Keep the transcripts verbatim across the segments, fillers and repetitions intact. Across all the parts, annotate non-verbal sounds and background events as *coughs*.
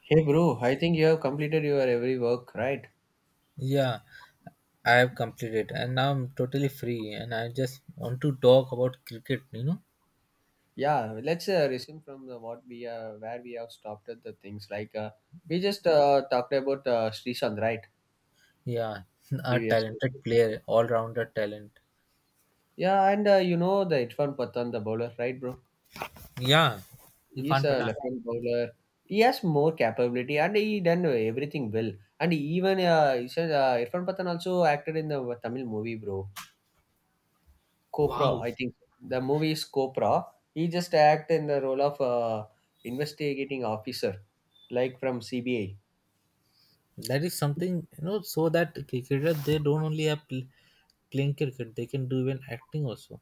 Hey bro, I think you have completed your every work, right? Yeah, I have completed and now I'm totally free and I just want to talk about cricket, you know? Yeah, let's uh, resume from the what we uh, where we have stopped at the things like uh, we just uh, talked about uh, Srishant, right? Yeah, *laughs* a Previously. talented player, all rounder talent. Yeah, and uh, you know the Irfan Pathan, the bowler, right, bro? Yeah, He's Irfan a Pathan. left-hand bowler. He has more capability and he done everything well. And even uh, he said, uh, Irfan Pathan also acted in the Tamil movie, bro. Copra, Wow. I think. The movie is Copra. He just act in the role of uh, investigating officer, like from C B I. That is something, you know, so that cricketers they don't only have pl- playing cricket, they can do even acting also.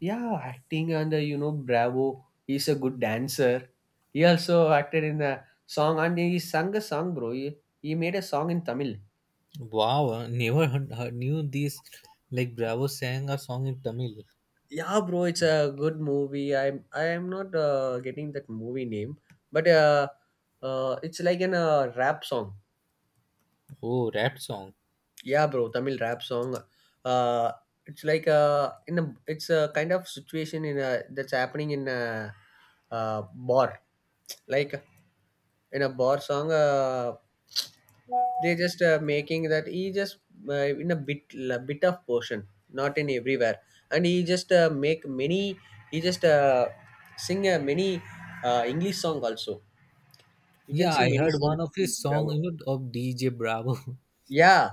Yeah, acting under you know Bravo. He's a good dancer. He also acted in the song and he sang a song, bro. He, he made a song in Tamil. Wow, I never heard, heard- knew this. Like Bravo sang a song in Tamil. Yeah, bro, it's a good movie. I'm I am not uh, getting that movie name, but uh, uh, it's like an uh, rap song. Oh, rap song. Yeah, bro, tamil rap song. uh it's like uh in a, it's a kind of situation in a, that's happening in a, uh bar, like in a bar song. Uh they just uh, making that he just, uh, in a bit, a bit of portion, not in everywhere. And he just uh, make many, he just uh, sing uh, many uh, english song also. You can Yeah, see I many heard songs one of from his song, bravo. you know, of D J Bravo. *laughs* Yeah,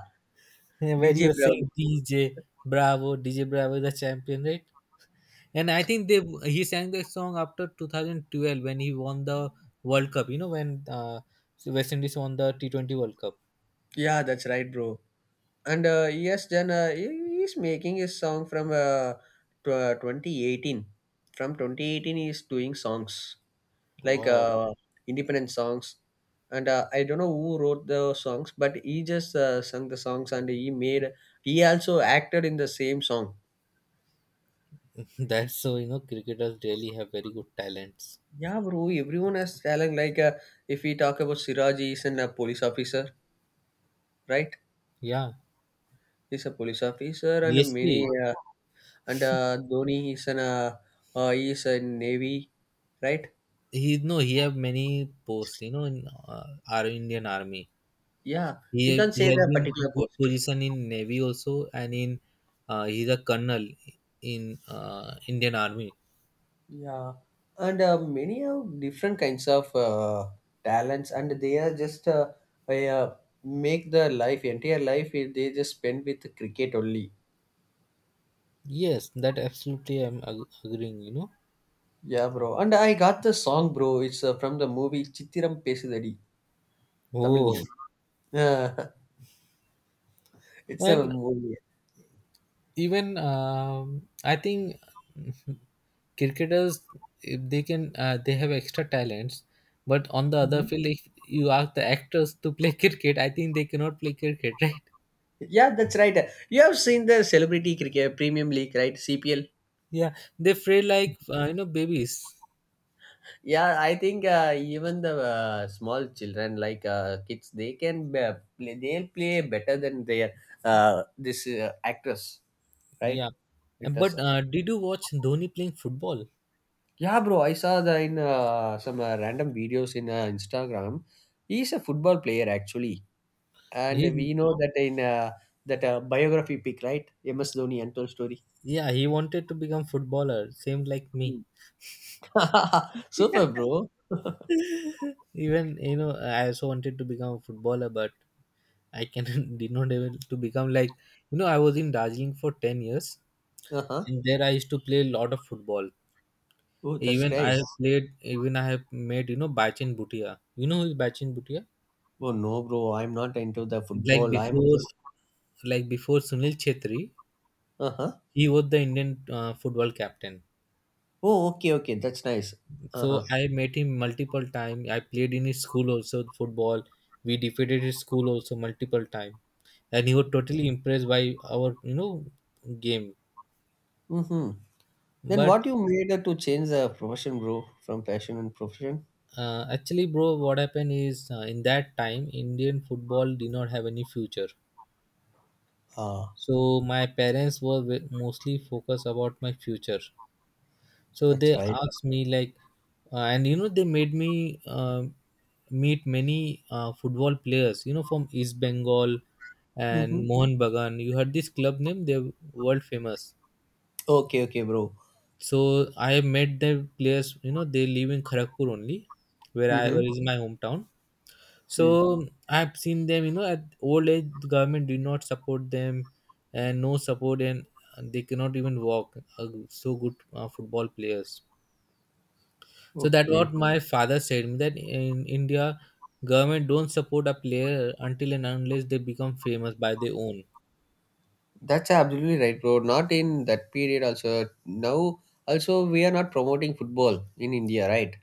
Yeah, where dj you were bravo. saying D J Bravo, D J Bravo is the champion, right? And I think they he sang that song after twenty twelve when he won the World Cup. You know when uh, so West Indies won the T twenty World Cup. Yeah, that's right, bro. And uh, yes then uh, he, he's making his song from uh, tw- uh, twenty eighteen. From twenty eighteen he's doing songs, like Wow, uh, independent songs. And uh, I don't know who wrote the songs, but he just uh, sung the songs and he made, he also acted in the same song. *laughs* that's so you know cricketers really have very good talents. Yeah, bro, everyone has talent. Like uh, if we talk about siraj, he's a police officer, right? Yeah, He's a police officer and many B S P. uh, and uh, Dhoni is an uh, uh, is a navy, right? He no, He have many posts. You know in uh, our Indian Army. Yeah, He we can say he had the been particular good post. position in Navy also, and in uh, he's a colonel in uh, Indian Army. Yeah, and uh, many of different kinds of uh, talents, and they are just uh, uh, yeah, make the life, entire life, eh, they just spend with cricket only. Yes, that absolutely I'm ag- agreeing, you know. Yeah, bro. And I got the song, bro. It's uh, from the movie Chittiram Pesudadi, Tamil Oh, movie. Uh, *laughs* it's a and movie. even um, I think *laughs* cricketers if they can uh, they have extra talents, but on the other Mhm. field, if you ask the actors to play *laughs* cricket, I think they cannot play cricket, *laughs* right? Yeah, that's right. You have seen the celebrity cricket premium league, right? C P L. Yeah, they fray like uh, you know babies. Yeah, I think uh, even the uh, small children, like uh, kids, they can be, play. They'll play better than their uh, this uh, actress, right? Yeah, and Actress. but uh, did you watch Dhoni playing football? Yeah, bro. I saw the in uh, some uh, random videos in uh, Instagram. He's a football player actually, and He we know that in uh, that uh, biography pic, right? M S Dhoni untold story. Yeah, he wanted to become footballer, same like me. *laughs* Super, *laughs* bro. Even you know I also wanted to become a footballer, but I can *laughs* did not able to become like, you know, I was in Darjeeling for ten years, Uh huh. and there I used to play a lot of football. Oh, that's Even I have nice. played even I have made, you know, Bachin Bhutia. You know who is Bachin Bhutia? Oh no, bro. I'm not into the like football. I'm before just. like before Sunil Chetri, Uh huh. he was the Indian uh, football captain. Oh, okay, okay, that's nice. Uh So huh. I met him multiple time. I played in his school also football. We defeated his school also multiple time, and he was totally impressed by our, you know, game. Mm-hmm. Then But what you made uh, to change the profession, bro, from passion and profession? uh, actually, bro, what happened is uh, in that time Indian football did not have any future. Ah, So my parents were ve- mostly focused about my future. So that's they right. asked me like, uh, and you know they made me uh, meet many uh, football players, you know, from East Bengal Mm-hmm. and Mohan Bagan. You heard this club name? They're world famous. Okay, okay, bro. So I have met their players, you know. They live in Kharagpur only, where I Mm-hmm. where is my hometown. So Mm. I've seen them, you know, at old age the government did not support them, and no support, and they cannot even walk, uh, so good uh, football players. So that Okay, what my father said me, that in India, government don't support a player until and unless they become famous by their own. that's absolutely right, bro. Not in that period also. Now also we are not promoting football in India, right?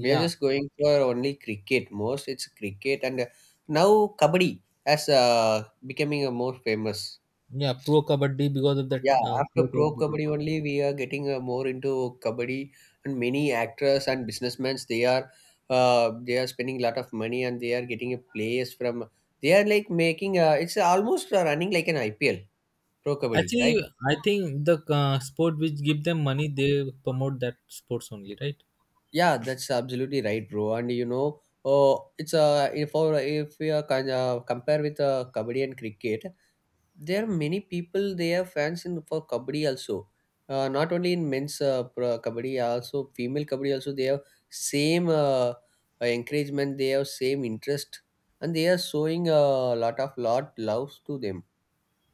We are just going for only cricket. Most it's cricket and uh, now kabaddi as uh, becoming a more famous. yeah, pro kabaddi, because of that Yeah, uh, after pro pro kabaddi. kabaddi only, we are getting uh, more into kabaddi, and many actors and businessmen they are uh, they are spending a lot of money and they are getting a players from. They are like making uh, it's almost uh, running like an I P L pro kabaddi, Actually, right? I think the uh, sport which give them money, they promote that sports only, right? Yeah, that's absolutely right, bro. And you know, oh, it's uh, if or if we are kind of compare with uh, kabaddi and cricket, there are many people they are fans in for kabaddi also. Uh, not only in men's uh, pro- kabaddi, also female kabaddi also they have same uh, uh, encouragement, they have same interest, and they are showing a lot of lot loves to them.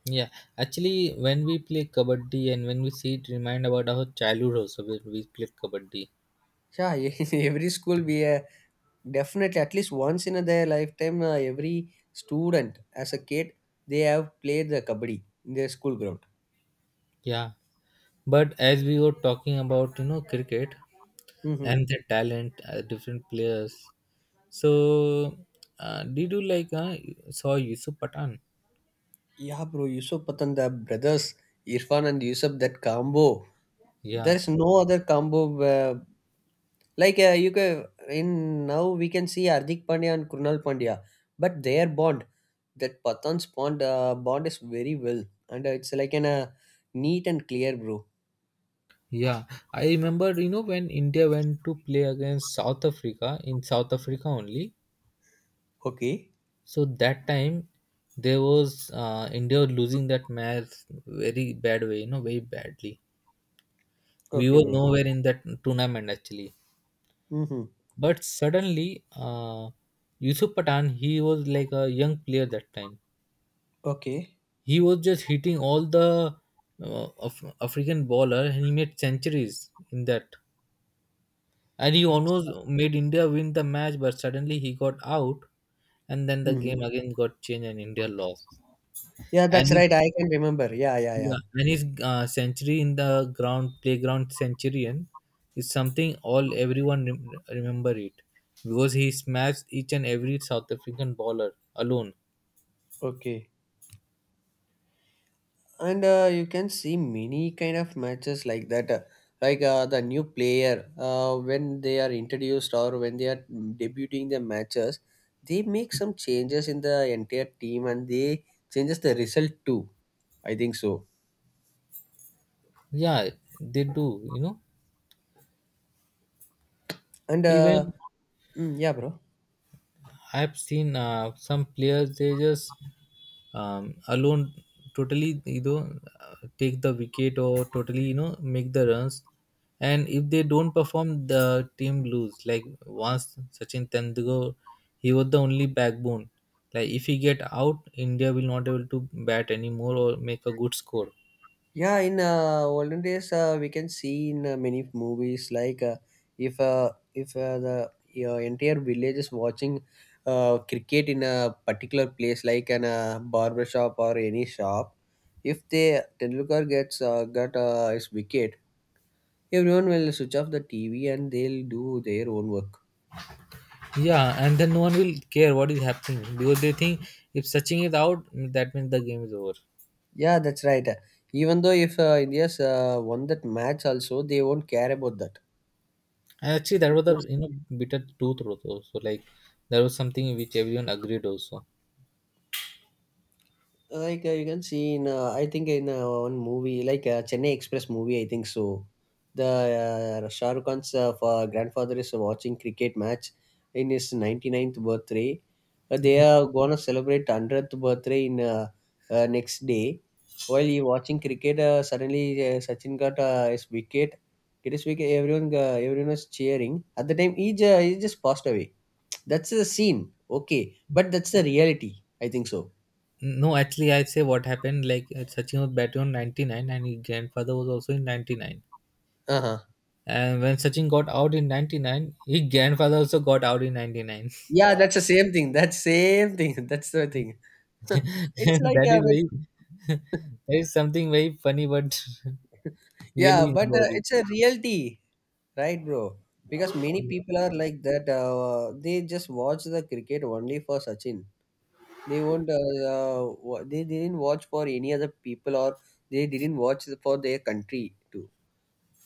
Yeah, actually, when we play kabaddi and when we see it, remind about our childhood also when we played kabaddi. Yeah, *laughs* in every school we are definitely at least once in their lifetime uh, every student as a kid, they have played the kabaddi in their school ground. Yeah, but as we were talking about, you know, cricket Hmm, and their talent, uh, different players. So, uh, did you like uh, saw Yusuf Pathan? yeah bro, yusuf patan, the brothers irfan and yusuf, that combo. Yeah, There's no other combo where, like uh, you can in now we can see Hardik Pandya and Krunal Pandya, but their bond, that Pathan's bond, uh, bond is very well, and uh, it's like in a neat and clear, bro. yeah. I remember, you know, when India went to play against South Africa in South Africa only. Okay, So that time there was uh, India was losing that match very bad way, you know, very badly. We okay, were bro. nowhere in that tournament actually. Mm-hmm. But suddenly, uh, Yusuf Pathan, he was like a young player that time. Okay, He was just hitting all the uh, Af- African bowler, and he made centuries in that. And he that's. almost made India win the match, but suddenly he got out, and then the Hmm. game again got changed, and India lost. Yeah, And that's his right. I can remember. Yeah, yeah, yeah. Yeah, and his uh, century in the ground playground centurion is something all everyone rem- remember it, because he smashed each and every South African bowler alone. Okay. And uh, you can see many kind of matches like that. Uh, like uh, the new player uh, when they are introduced, or when they are debuting their matches, they make some changes in the entire team and they changes the result too, I think so. Yeah, they do. You know, And uh, even mm, yeah bro. I've seen uh, some players they just um, alone totally, you know, uh, take the wicket or totally, you know, make the runs. And if they don't perform the team lose, like once Sachin Tendulkar, he was the only backbone. Like if he get out, India will not able to bat anymore or make a good score. Yeah, in uh, olden days, uh, we can see in uh, many movies, like uh, if uh, if uh, the uh, entire village is watching uh, cricket in a particular place, like an uh, barber shop or any shop, if the Tendulkar gets uh, got uh, his wicket, everyone will switch off the T V and they'll do their own work. Yeah, and then no one will care what is happening, because they think if Sachin is out that means the game is over. Yeah, that's right. Even though if uh, India's uh, won that match, also they won't care about that. And actually, that was the, you know, bitter truth also. So like there was something which everyone agreed also. Like uh, you can see in, uh, I think in uh, one movie like uh, Chennai Express movie, I think so. The uh, Shah Rukh Khan's uh, fa- grandfather is watching cricket match in his ninety-ninth birthday. Uh, they are gonna celebrate hundredth birthday in uh, uh, next day. While he watching cricket, uh, suddenly uh, Sachin got uh, his wicket. Get his wicket. Everyone, uh, everyone was cheering. At the time, he, ju- he just passed away. That's the scene. Okay, but that's the reality. I think so. No, actually, I say what happened like, uh, Sachin was batting on ninety-nine and his grandfather was also in ninety-nine. Uh huh. And when Sachin got out in ninety-nine, his grandfather also got out in ninety-nine. Yeah, that's the same thing. That's same thing. *laughs* That's the thing. *laughs* *laughs* It's like That is a, very *laughs* that is something very funny, but *laughs* yeah, really but uh, enjoyed it. it's a reality, right, bro? Because many people are like that. Uh, they just watch the cricket only for Sachin. They won't. Uh, uh, wa- they didn't watch for any other people, or they didn't watch for their country too.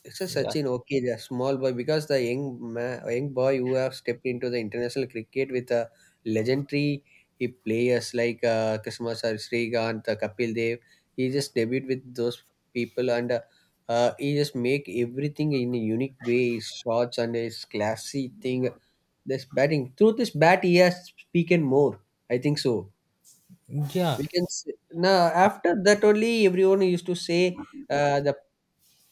It's a Yeah, Sachin, okay, the small boy, because the young ma- young boy who have stepped into the international cricket with a legendary, he players like uh, Krishna Sir, Srikanth, uh, Kapil Dev. He just debuted with those people and uh, uh, he just make everything in a unique way. His shots and his classy thing. This batting through this bat, he has speaking more. I think so. yeah. We can say, no, after that only everyone used to say uh, the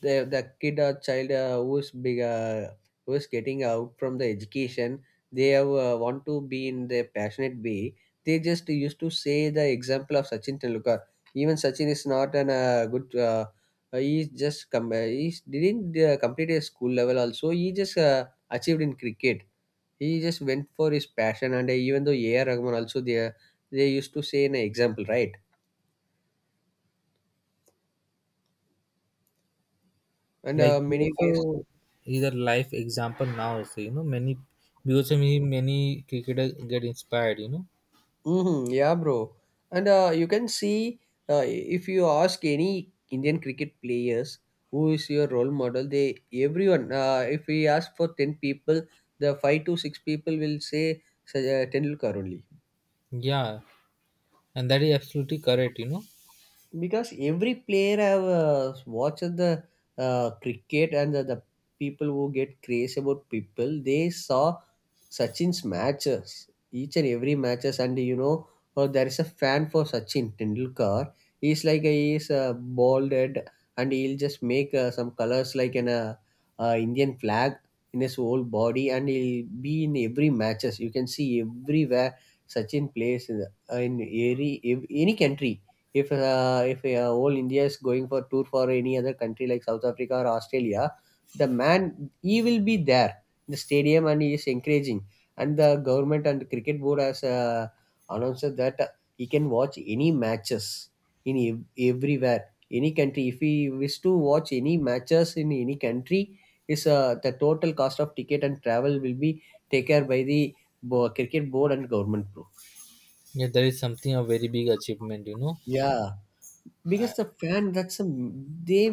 the the kid or child uh, who's big uh, who's getting out from the education, they have, uh, want to be in their passionate way, they just used to say the example of sachin tendulkar. Even sachin is not an uh, good uh, uh, he's just come uh, he didn't uh, complete his school level also, he just uh, achieved in cricket. He just went for his passion, and uh, even though A R. Rahman also, they they used to say an example, right? And uh, Like he many ways, also is a life example now. Also, you know, many, because many many cricketers get inspired, you know. hmm, yeah, bro. And uh, you can see uh, if you ask any Indian cricket players who is your role model, they everyone. Uh, if we ask for ten people, the five to six people will say Saj- uh, Tendulkar only. Yeah, and that is absolutely correct, you know. Because every player have uh, watched the uh, cricket and the, the people who get crazy about people, they saw Sachin's matches, each and every matches, and you know uh, there is a fan for Sachin Tendulkar. He's like a, he's uh, balded, and he'll just make uh, some colors like an uh, uh, Indian flag in his whole body, and he'll be in every matches, you can see everywhere Sachin plays in, the- uh, in every, ev- any country. If uh, if uh, whole india is going for tour for any other country like south africa or australia, the man, he will be there in the stadium and he is encouraging. And the government and cricket board has uh, announced that he can watch any matches in ev- everywhere, any country. If he wish to watch any matches in any country, is uh, the total cost of ticket and travel will be taken care by the bo- cricket board and government, bro. Yeah, that is something a very big achievement, you know. Yeah, because the fan, that's a, they,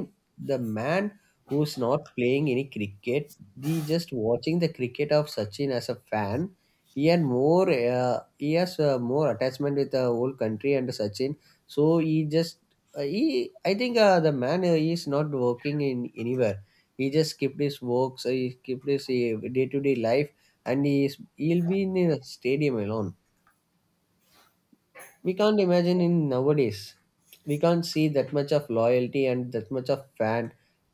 the man who's not playing any cricket, he just watching the cricket of sachin as a fan. He had more uh, he has uh, more attachment with the whole country and sachin. So he just uh, he I think uh, the man uh, he is not working in anywhere. He just skipped his works, uh, he skipped his day to day life, and he is, he'll be in a stadium alone. We can't imagine in nowadays, we can't see that much of loyalty and that much of fan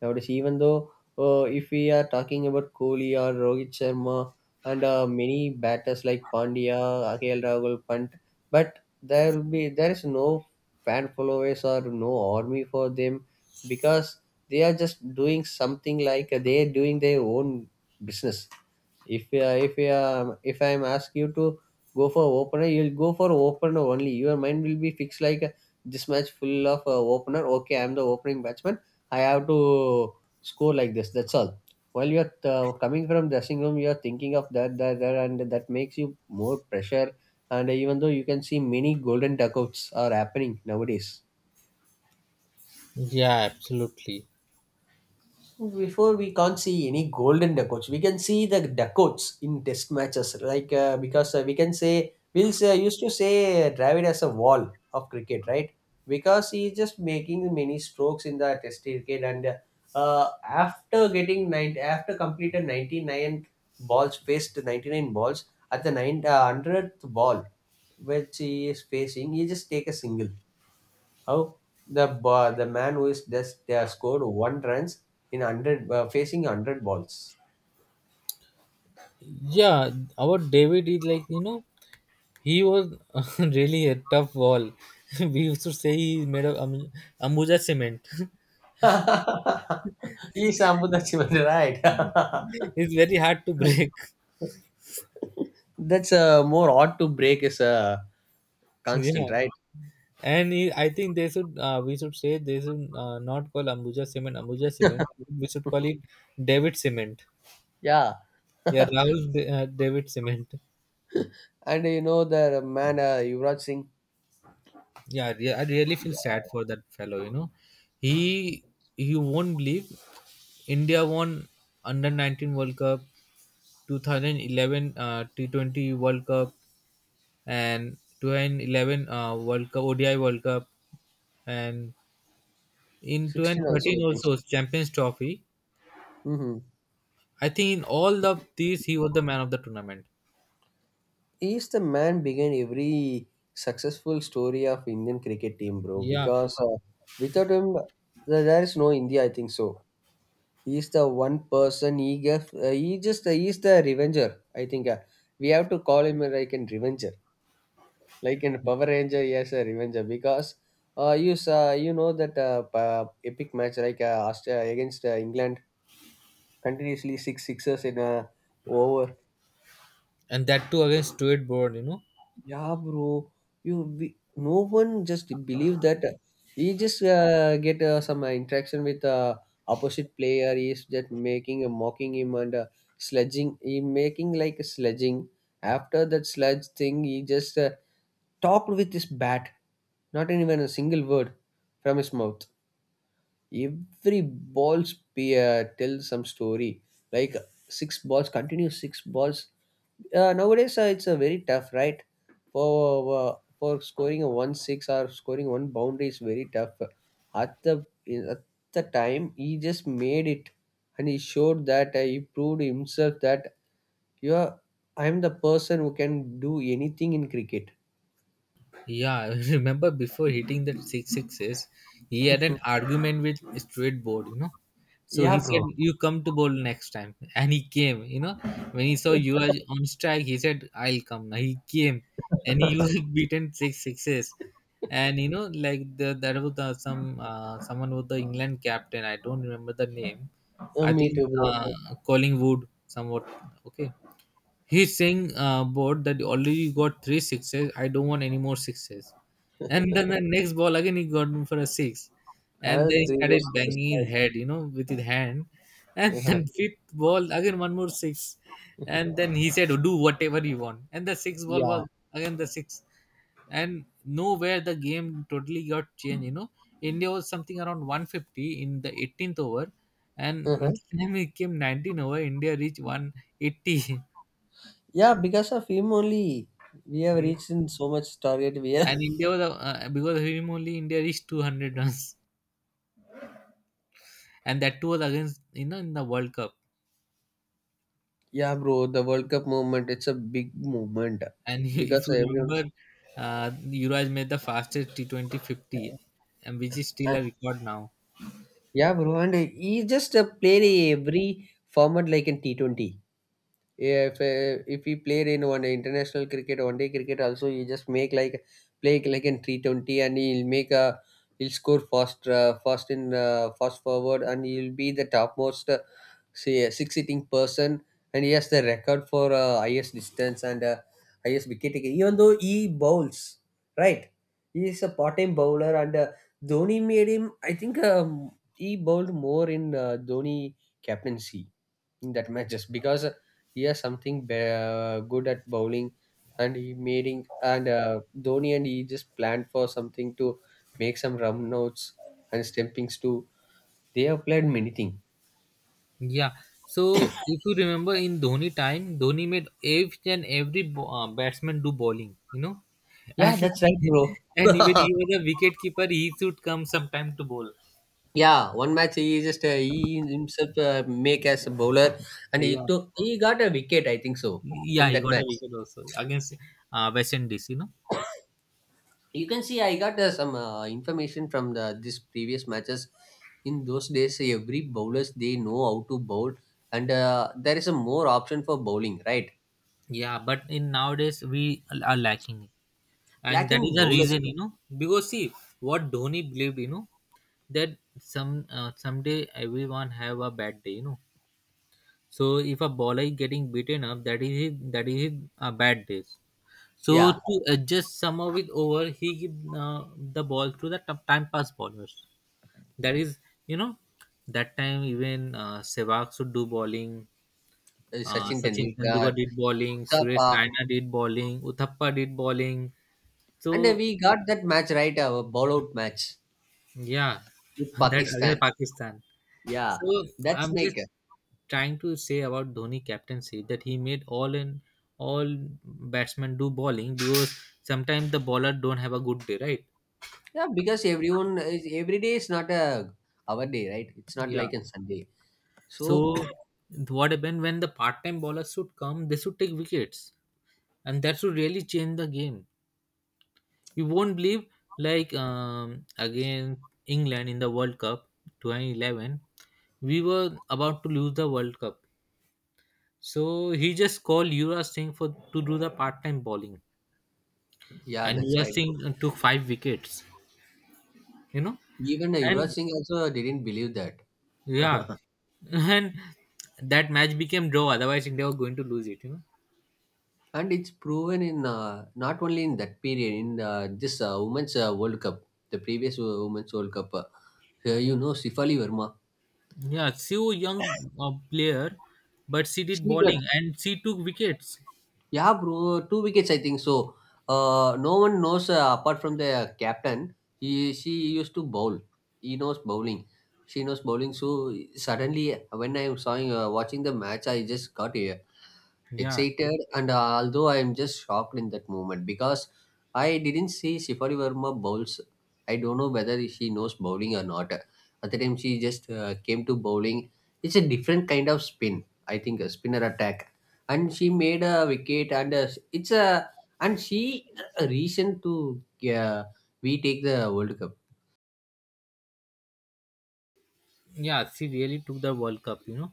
nowadays. Even though, uh, if we are talking about Kohli or Rohit Sharma, and uh, many batters like Pandya, Akhil Rahul Pant. But there will be there is no fan followers or no army for them, because they are just doing something like they are doing their own business. If uh, if uh, if I'm asked you to go for opener, you'll go for opener only. Your mind will be fixed like uh, this match full of uh, opener. Okay, I'm the opening batsman. I have to score like this. That's all. While you're uh, coming from dressing room, you're thinking of that, that, that, and that makes you more pressure. And even though you can see many golden duckouts are happening nowadays. Yeah, absolutely. Before we can't see any golden Dakots. We can see the Dakots in test matches, like uh, because uh, we can say Wills uh, used to say Dravid as a wall of cricket, right? Because he is just making many strokes in the test cricket, and uh, after getting nine, after completed ninety nine balls, faced ninety nine balls at the nine uh, hundredth ball, which he is facing, he just take a single. How the ba- the man who is just they scored one runs in hundred uh, facing hundred balls. Yeah, our David is like, you know, he was *laughs* really a tough wall. *laughs* We used to say he made of am- Ambuja cement. *laughs* *laughs* He is Ambudachimani, right? It's very hard to break. *laughs* *laughs* That's uh, more odd to break is a constant, Yeah. right? And he, I think they should, uh, we should say they should uh, not call Ambuja cement Ambuja cement. We should call it David cement. Yeah, Yeah, Rahul Da- uh, David cement. and you know the man uh, Yuvraj Singh, Yeah, re- I really feel sad for that fellow, you know. He You won't believe, India won under nineteen World Cup, two thousand eleven uh, T twenty World Cup, and twenty eleven uh, World Cup, ODI World Cup, and in sixteen also I two thousand thirteen think so. also Champions Trophy. Mm-hmm. I think in all of these he was the man of the tournament. He's the man behind every successful story of Indian cricket team, bro. Yeah, Because uh, without him, there there is no India, I think so. He's the one person. He gave uh, he just uh, He's the revenger, I think. Uh, we have to call him like an revenger, like in power ranger. Yes, a revenger, because uh, you saw you know that uh, pa- epic match, like uh, Aust- uh, against uh, England, continuously six sixes in a over. and that too against Stuart Broad, you know. Yeah, bro. You we, no one just believe that uh, he just uh, get uh, some uh, interaction with uh, opposite player. He's just making a mocking him and uh, sledging. He making like a sledging. After that sledge thing, he just uh, talked with his bat. Not even a single word from his mouth, every balls pay, uh, tell some story, like six balls continue six balls. Uh, nowadays uh, it's a very tough, right? For uh, for scoring a one six or scoring one boundary is very tough. At the in- at the time he just made it, and he showed that uh, he proved himself that you are, I am the person who can do anything in cricket. *laughs* Yeah, *laughs* I remember before hitting that six sixes, he had Mhm. an argument with Straight Board, you know. So Yeah, he said, bro. "You come to bowl next time," *laughs* and he came. You know, when he saw you are on strike, he said, "I'll come." Now he came, and he was *laughs* *laughs* beaten six sixes. And you know, like the there was the, some uh, someone was the England captain. I don't remember the name. Uh, I Me think too, bro. uh, Collingwood, somewhat. Okay. He's saying uh, board that already you got three sixes. I don't want any more sixes. And then the next ball again he got him for a six, and then Another he three more started sixes, banging his head, you know, with his hand. And *laughs* right? then fifth ball again one more six, and then he said do whatever you want. And the sixth *laughs* ball Yeah. was again the six, and nowhere the game totally got changed. You know, India was something around one hundred fifty in the eighteenth over, and when Uh-huh. *laughs* it came nineteen over, India reached one hundred eighty. Yeah, because of him only we have *laughs* reached in so much target. We have. And India was uh, because of him only India reached two hundred runs, and that too was against, you know, in the World Cup. *laughs* Yeah, bro. The World Cup movement. It's a big movement, And *laughs* if because you everyone's. remember, uh, Yuvraj made the fastest T twenty fifty, and which is still Uh, a record now. yeah, bro. And he just uh, played every format, like in T Twenty. If uh, if we played in one international cricket, one day cricket also, you just make like play like in three twenty, and he'll make a he'll score fast, uh, fast in uh, fast forward, and he'll be the topmost, uh, say, uh, six hitting person. And he has the record for uh, highest distance and uh, highest wicket taker, even though he bowls, right? He is a part-time bowler, and uh, Dhoni made him, I think um, he bowled more in uh, Dhoni captaincy in that matches, because he has something be- uh, good at bowling, and he made in- and uh, Dhoni and he just planned for something to make some run outs and stumpings too. They have played many things. Yeah. So if you remember in Dhoni time, Dhoni made each and every bo- uh, batsman do bowling. You know, Yeah, and that's right, bro. *laughs* and even he *laughs* was a wicket keeper. He should come sometime to bowl. Yeah, one match he just uh, he himself uh, make as a bowler, and he Yeah, took he got a wicket, I think so, yeah, in he that got a match. wicket also against uh, West Indies. You know. You can see I got uh, some uh, information from the this previous matches. In those days every bowlers they know how to bowl, and uh, there is a more option for bowling, right? Yeah, but in nowadays we are lacking it, and Like that in is the bowlers. reason, you know, because see what Dhoni believed, you know, that some uh, someday everyone have a bad day, you know. So if a bowler is getting beaten up, that is his, that is his, uh, bad days. So Yeah. to adjust some of it over he give uh, the ball to the t- time pass bowlers. That is, you know, that time even uh, Sehwag should do bowling. uh, Uh, Sachin Sachin Tendulkar, Tendulkar did bowling. Suresh Mustafa, Raina did bowling. Uthappa did bowling. and uh, So we got that match, right? Our bowl out match yeah, with *laughs* that against Pakistan. Pakistan. Yeah. So That's I'm make. just trying to say about Dhoni captaincy that he made all and all batsmen do bowling, because sometimes the bowler don't have a good day, right? Yeah, because everyone is, every day is not a our day, right? It's not Yeah. like a Sunday. So. So what happened when the part-time bowlers should come? They should take wickets, and that should really change the game. You won't believe, like um, again England in the World Cup twenty eleven, we were about to lose the World Cup. So he just called Yuvraj Singh for to do the part-time bowling, *clears throat* Yeah, and that's Yuvraj right. Singh uh, took five wickets. You know, Even uh, Yuvraj and Singh also didn't believe that. yeah, *laughs* *laughs* and that match became draw. Otherwise, India were going to lose it. You know, And it's proven in uh, not only in that period, in uh, this uh, Women's uh, World Cup, the previous uh, Women's World Cup, uh, uh, you know, Sifali Verma, yeah, she was young uh, player, but she did she got. bowling and she took wickets. Yeah, bro, two wickets, I think so. Uh, no one knows uh, apart from the captain. He, she used to bowl. He knows bowling. She knows bowling. So suddenly, when I am sawing, uh, watching the match, I just got uh, Yeah, excited, and uh, although I am just shocked in that moment, because I didn't see Shifali Verma bowls. I don't know whether she knows bowling or not. At the time, she just uh, came to bowling. It's a different kind of spin. I think a spinner attack, and she made a wicket, and uh, it's a and she a reason to uh, we take the World Cup. yeah, she really took the World Cup. You know,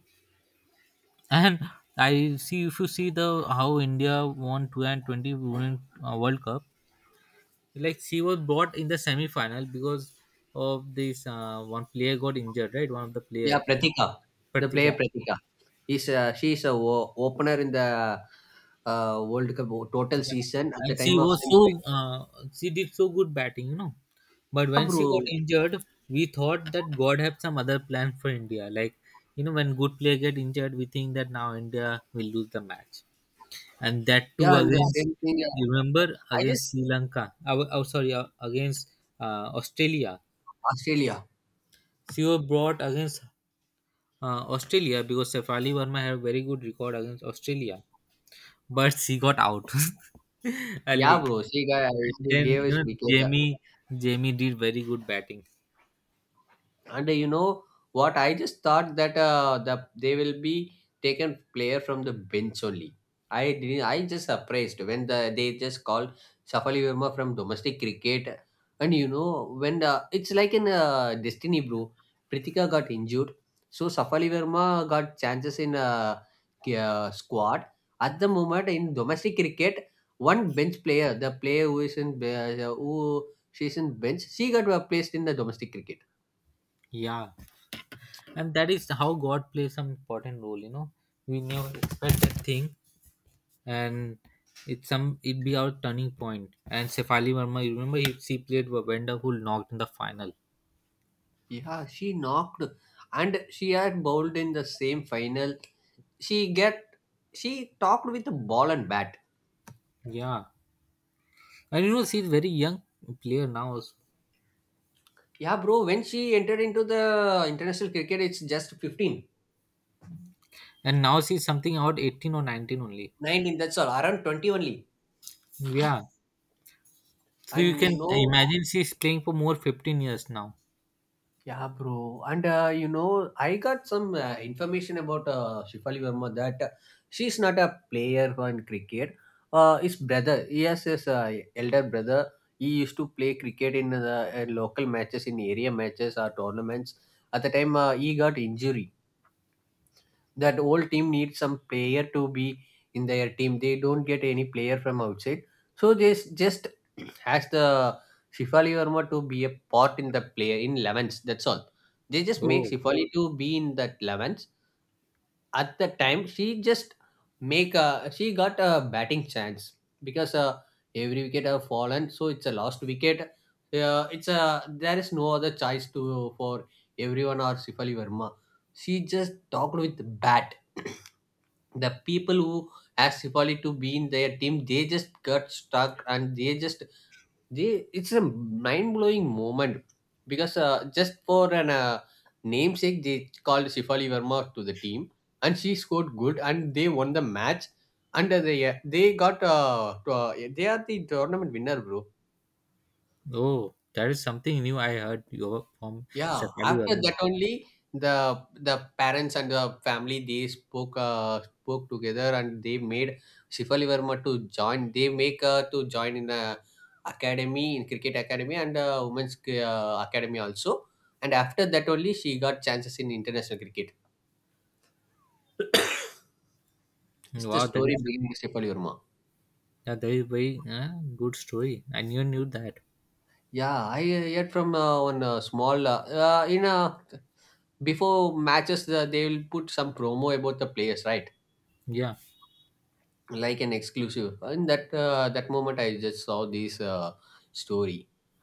and I see if you see the how India won two thousand twenty Women uh, World Cup, like she was brought in the semi final because of this uh, one player got injured, right? One of the player, Yeah, Pratika, the player Pratika. Pratika. Is uh, She is a o- opener in the uh, World Cup o- total Yeah, season at the and she time of was semi. so, uh, she did so good batting, you know. But Yeah, when she got bro. injured, we thought that God had some other plan for India. Like you know, when good player get injured, we think that now India will lose the match. And that too Yeah, and the against, same thing. you uh, remember, I just. against Sri Lanka. Oh, oh sorry, uh, against uh, Australia. Australia. She was brought against uh, Australia because Shefali Verma had a very good record against Australia, but she got out *laughs* Yeah, early. bro. She got And She then gave you us know wicket. uh, Jamie Jamie did very good batting. And uh, you know what I just thought, that uh, the they will be taken player from the bench only. I didn't I just surprised when the they just called Shafali Verma from domestic cricket. And you know when the it's like in uh, destiny, bro. Prithika got injured, so Shafali Verma got chances in uh, k- uh, squad at the moment in domestic cricket. One bench player, the player who is in be- uh, who she's in bench, she got uh, placed in the domestic cricket. Yeah. And that is how God plays some important role, you know. We never expect that thing. And it's some, it be our turning point point. And Shefali Verma, you remember he, she played Vavenda who knocked in the final. Yeah, she knocked, and she had bowled in the same final. She get she talked with the ball and bat. Yeah. And you know she's very young player now also. Yeah, bro, when she entered into the international cricket, it's just fifteen, And now she's something about eighteen or nineteen only. nineteen, that's all, around twenty only. Yeah, so you And can you know. imagine she's playing for more fifteen years now. Yeah, bro. And uh, you know, I got some uh, information about uh, Shefali Verma, that uh, she's not a player in cricket. Uh, his brother, yes, his uh, elder brother, he used to play cricket in the uh, local matches, in area matches or tournaments. At the time, uh, he got injured, that whole team needs some player to be in their team. They don't get any player from outside. So they s- just *clears throat* ask the Shifali Verma to be a part in the player in elevens. That's all. They just make Oh, Shifali to be in that elevens. At the time, she just make a she got a batting chance, because uh, every wicket have fallen, so it's a lost wicket. Uh, it's a, there is no other choice to for everyone or Shifali Verma. She just talked with bat. *clears throat* The people who asked Sipali to be in their team, they just got stuck, and they just they, it's a mind blowing moment, because uh, just for an uh, namesake they called Sifali Verma to the team, and she scored good and they won the match. And uh, they they got uh, to, uh, they are the tournament winner, bro. oh, that is something new I heard you from Yeah, Shefali after Verma. that only the the parents and the family, they spoke uh, spoke together, and they made Shifali Verma to join. They make uh, to join in a academy, in cricket academy and uh, women's uh, academy also. And after that only she got chances in international cricket. It's the Wow, that story is, behind Shifali Verma. yeah, that is very uh, good story. I knew knew that. Yeah, I uh, heard from uh, one uh, small uh, uh, in uh, before matches uh, they will put some promo about the players, right? Yeah, Like an exclusive, in that uh, that moment I just saw this uh, story,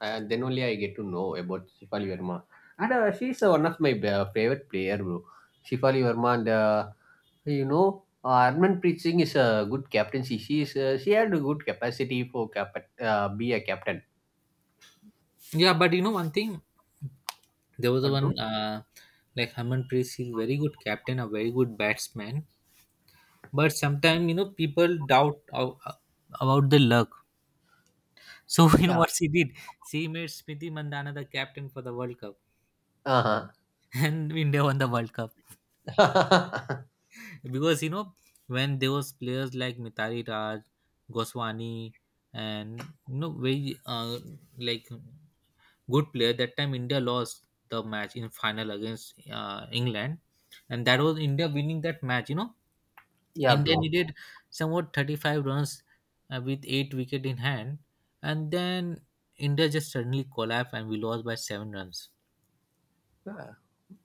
and then only I get to know about Shifali Verma, and uh, she's uh, one of my uh, favorite player, bro. Shifali Verma. And uh, you know, uh, Armanpreet Singh is a good captaincy. She is uh, she had a good capacity for cap- uh, be a captain. yeah. But you know one thing, there was But bro. one, uh, like Herman Priest is very good captain, a very good batsman. But sometimes you know people doubt of, about the luck. So *laughs* you know Yeah. what she did? She made Smriti Mandana the captain for the World Cup, Uh *laughs* and India won the World Cup huh. because you know when there was players like Mitali Raj, Goswani, and you know very, uh, like good player. That time India lost the match in final against uh, England, and that was India winning that match. You know, *laughs* Yeah, India bro. needed somewhat thirty-five runs uh, with eight wicket in hand, and then India just suddenly collapsed and we lost by seven runs. Yeah.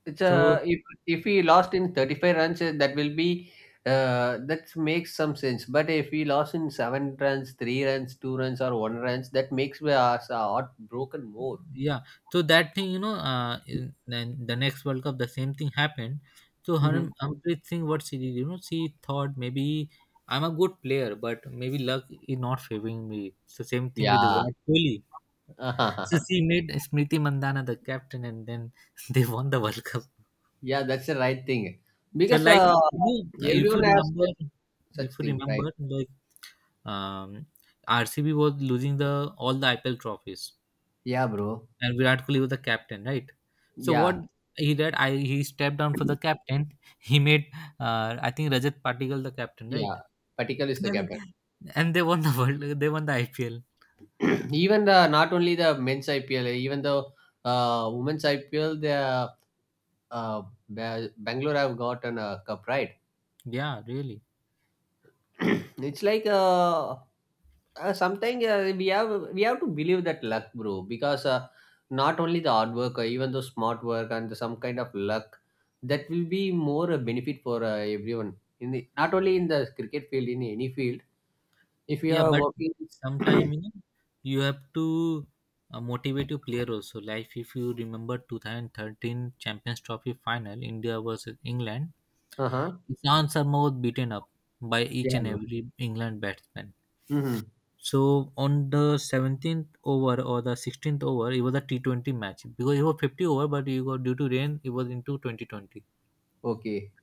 It's So uh if if we lost in thirty-five runs, uh, that will be. Uh that makes some sense. But if we lost in seven runs, three runs, two runs, or one runs, that makes us a heartbroken more. yeah, so that thing you know, uh, in, then the next World Cup the same thing happened. So Mhm. Haram Amrit Singh, what she did, you know, she thought maybe I'm a good player, but maybe luck is not favoring me. So same thing with Yeah. Virat Kohli. So *laughs* she made Smriti Mandhana the captain, and then *laughs* they won the World Cup. Yeah, that's the right thing, So because like uh, you know, if you everyone has remember, if such you thing, right? remember, like um, R C B was losing the all the I P L trophies, Yeah, bro. and Virat Kohli was the captain, right? So what Yeah, he did, I he stepped down for the captain. He made uh, I think Rajat Patikal the captain, right? yeah. Particular is *laughs* the captain. And they won the world. They won the I P L. *clears throat* Even the not only the men's I P L, even the uh, women's I P L, the uh, Ba- Bangalore have gotten a cup, right? Yeah, really. *clears throat* It's like uh, uh, sometimes uh, we have we have to believe that luck, bro, because uh, not only the hard work, uh, even the smart work and some kind of luck, that will be more a benefit for uh, everyone. In the, not only in the cricket field, in any field, if you Yeah, are but working. *coughs* *clears throat* sometime you know, you have to uh, motivate your player also. Like if you remember twenty thirteen Champions Trophy final, India versus England, Uh huh, Ishan Sharma was beaten up by each and yeah, every England batsman. mm-hmm. So on the seventeenth over or the sixteenth over, it was a T twenty match because it was fifty over, but you got due to rain, it was into twenty twenty. Okay,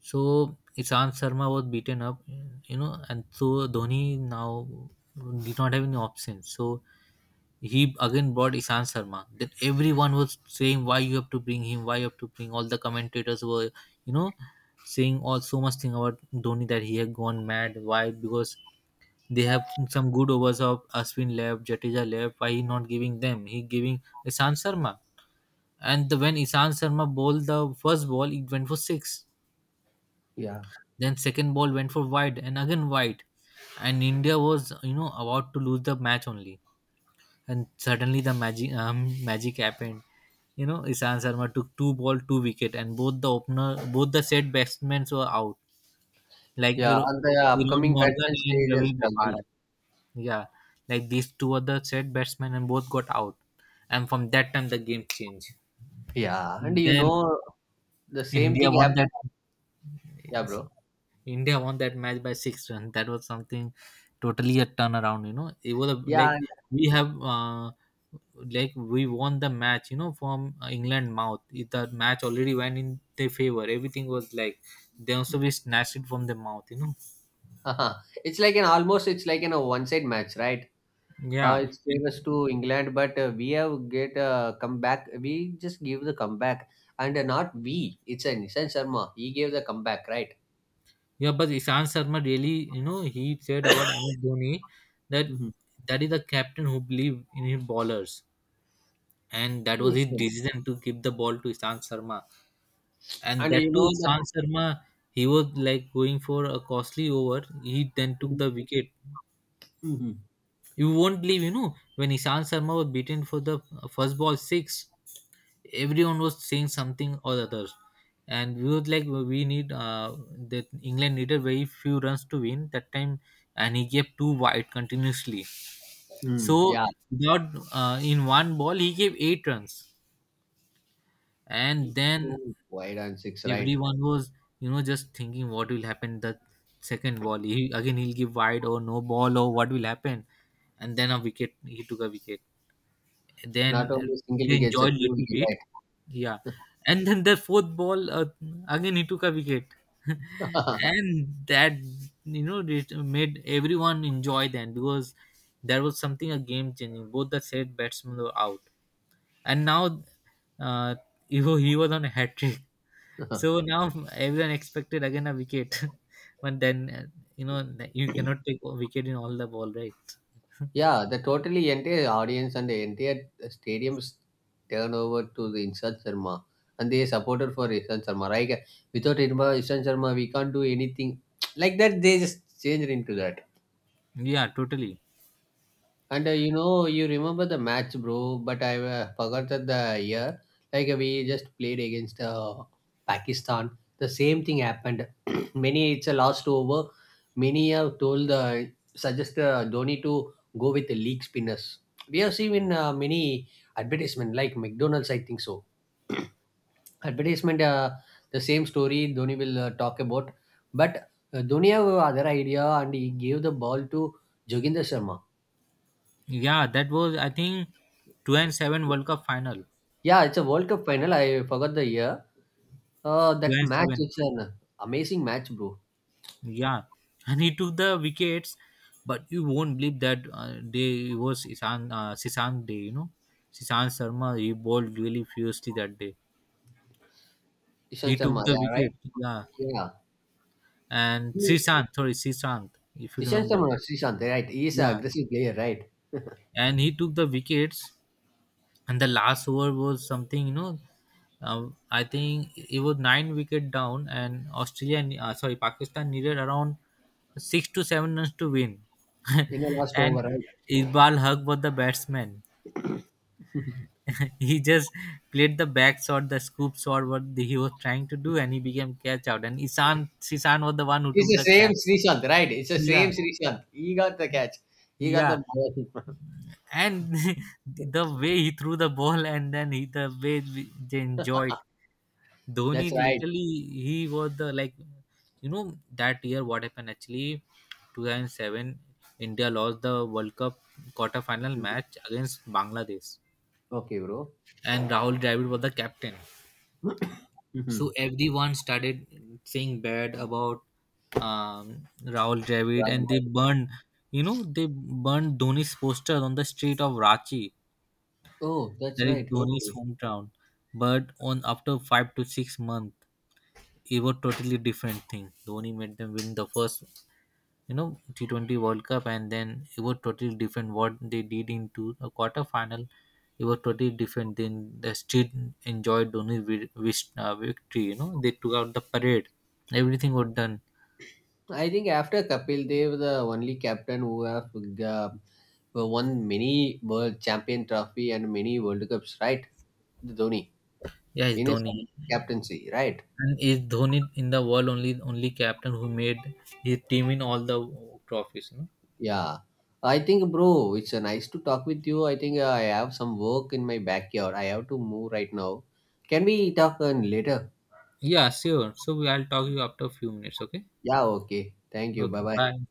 So Ishan Sharma was beaten up, you know, and so Dhoni now did not have any options. So he again brought Ishan Sharma. Then everyone was saying why you have to bring him, why you have to bring. All the commentators were, you know, saying all so much thing about Dhoni that he had gone mad. Why? Because they have some good overs of Ashwin left, Jadeja left. Why he not giving them? He giving Ishan Sharma. And the, when Ishan Sharma bowled the first ball, it went for six. yeah, Then second ball went for wide and again wide. And India was, you know, about to lose the match only, and suddenly the magic um, magic happened. You know, Ishan Sharma took two ball, two wicket, and both the opener, both the set batsmen were out. Like yeah. Aaron and the Aaron upcoming Morgan batsmen they and Ravi just struggle. Bopara. Yeah, like these two are the set batsmen, and both got out. And from that time, the game changed. Yeah, and And you then know the same India thing won happened. Yeah, that. bro. India won that match by six runs. That was something totally a turnaround. You know, it was a, Yeah, like and we have, uh, like we won the match. You know, from England mouth. It, the match already went in their favor. Everything was like they also we snatched it from the mouth. You know, *laughs* it's like an almost, it's like an a one side match, right? Uh, yeah, It's favors to England, but uh, we have get a comeback. We just give the comeback, and uh, not we. It's a Nishan Sharma. He gave the comeback, right? yeah. But Ishan Sharma really, you know, he said about M S *coughs* Dhoni that Mhm. that is the captain who believed in his bowlers, and that was Yes, his sir. decision to give the ball to Ishan Sharma, and And you that too know that. Ishan Sharma, he was like going for a costly over, he then took the wicket. Mhm. You won't believe, you know, when Ishan Sharma was beaten for the first ball six, everyone was saying something or other, and we was like we need, uh, that England needed very few runs to win that time, and he gave two wide continuously. Mm, So yeah, without, uh, in one ball he gave eight runs. And it's then two wide and six, right? everyone was, you know, just thinking what will happen the second ball, he again he'll give wide or no ball or what will happen. And then, a wicket he took a wicket. Not Then uh, only single they wickets, a two enjoyed little wicket, bit. Yeah. And then the fourth ball, uh, again he took a wicket. right? *laughs* *laughs* And that, you know, it made everyone enjoy then because there was something a game changing, both the said batsmen were out. And now, uh, he wa- he was on a hat trick. So now everyone expected again a wicket, *laughs* but then, uh, you know that you cannot take a wicket in all the ball, right? Yeah, the totally entire audience and the entire stadiums turn over to the Ishan Sharma, and they supported for Ishan Sharma, right? Without Irma- Ishan Sharma, we can't do anything. *tsk* Like that, they just changed into that. Yeah, totally. And uh, you know, you remember the match, bro, but I uh, forgot that the year. Like, we just played against uh, Pakistan. The same thing happened. *clears throat* Many, it's a last over. Many have told, uh, suggest uh, Dhoni to go with the league spinners. We have seen in uh, many advertisement, like McDonald's, I think so. *clears throat* Advertisement, uh, the same story Dhoni will uh, talk about. But uh, Dhoni have other idea, and he gave the ball to Joginder Sharma. Yeah, that was I think two and seven World Cup final. Yeah, it's a World Cup final. I forgot the year. Uh, Two That and match seven. is an amazing match, bro. Yeah, and he took the wickets, but you won't believe that uh, day it was Isan, uh, Sisant day. You know, Sisant Sharma he bowled really fiercely that day. Ishan He Sharma, took the yeah, right? wicket. Yeah, Yeah. and He- Sisant, sorry, Sisant, if you Ishan remember. Sharma, not Srishant, right? He is Yeah, an aggressive player, right? and he took the wickets, and the last over was something, you know, um, I think it was nine wicket down and australia ne- uh, sorry, Pakistan needed around six to seven runs to win. In the *laughs* last And over, right? Iqbal Haq was the batsman. *laughs* *laughs* He just played the back shot, the scoop shot, what he was trying to do, and he became catch out, and Isan Sisan was the one who took It's the the same catch. Srishant, right? It's the Yeah, same Srishant. He got the catch. He got the yeah, ball. *laughs* and *laughs* the way he threw the ball, and then he the way we- they enjoyed. Dhoni That's right. literally he was the like, you know, that year what happened actually two thousand seven, India lost the World Cup quarter final match against Bangladesh, Okay, bro. *clears throat* and Rahul Dravid was the captain. Mhm. So everyone started saying bad about um, Rahul Dravid, and they Right. burned you know they burned Dhoni's poster on the street of Ranchi, Oh, that's that is right. Dhoni's Okay. hometown. But on after five to six months, it was totally different thing. Dhoni made them win the first, you know, T twenty World Cup, and then it was totally different what they did into a quarter final. It was totally different. Then the street enjoyed Dhoni vi- vis- uh, victory. You know, they took out the parade. Everything was done. I think after Kapil Dev, the only captain who have uh, won many world champion trophy and many World Cups, right? The Dhoni Yeah, it's in his Dhoni, captaincy, right? and it's Dhoni in the world, only only captain who made his team in all the trophies. You know. Yeah. I think, bro, it's uh, nice to talk with you. I think uh, I have some work in my backyard. I have to move right now. Can we talk uh, later? Yeah, sure. So we- I'll talk to you after a few minutes. Okay. Yeah, okay. Thank you. Bye Okay. bye. Bye.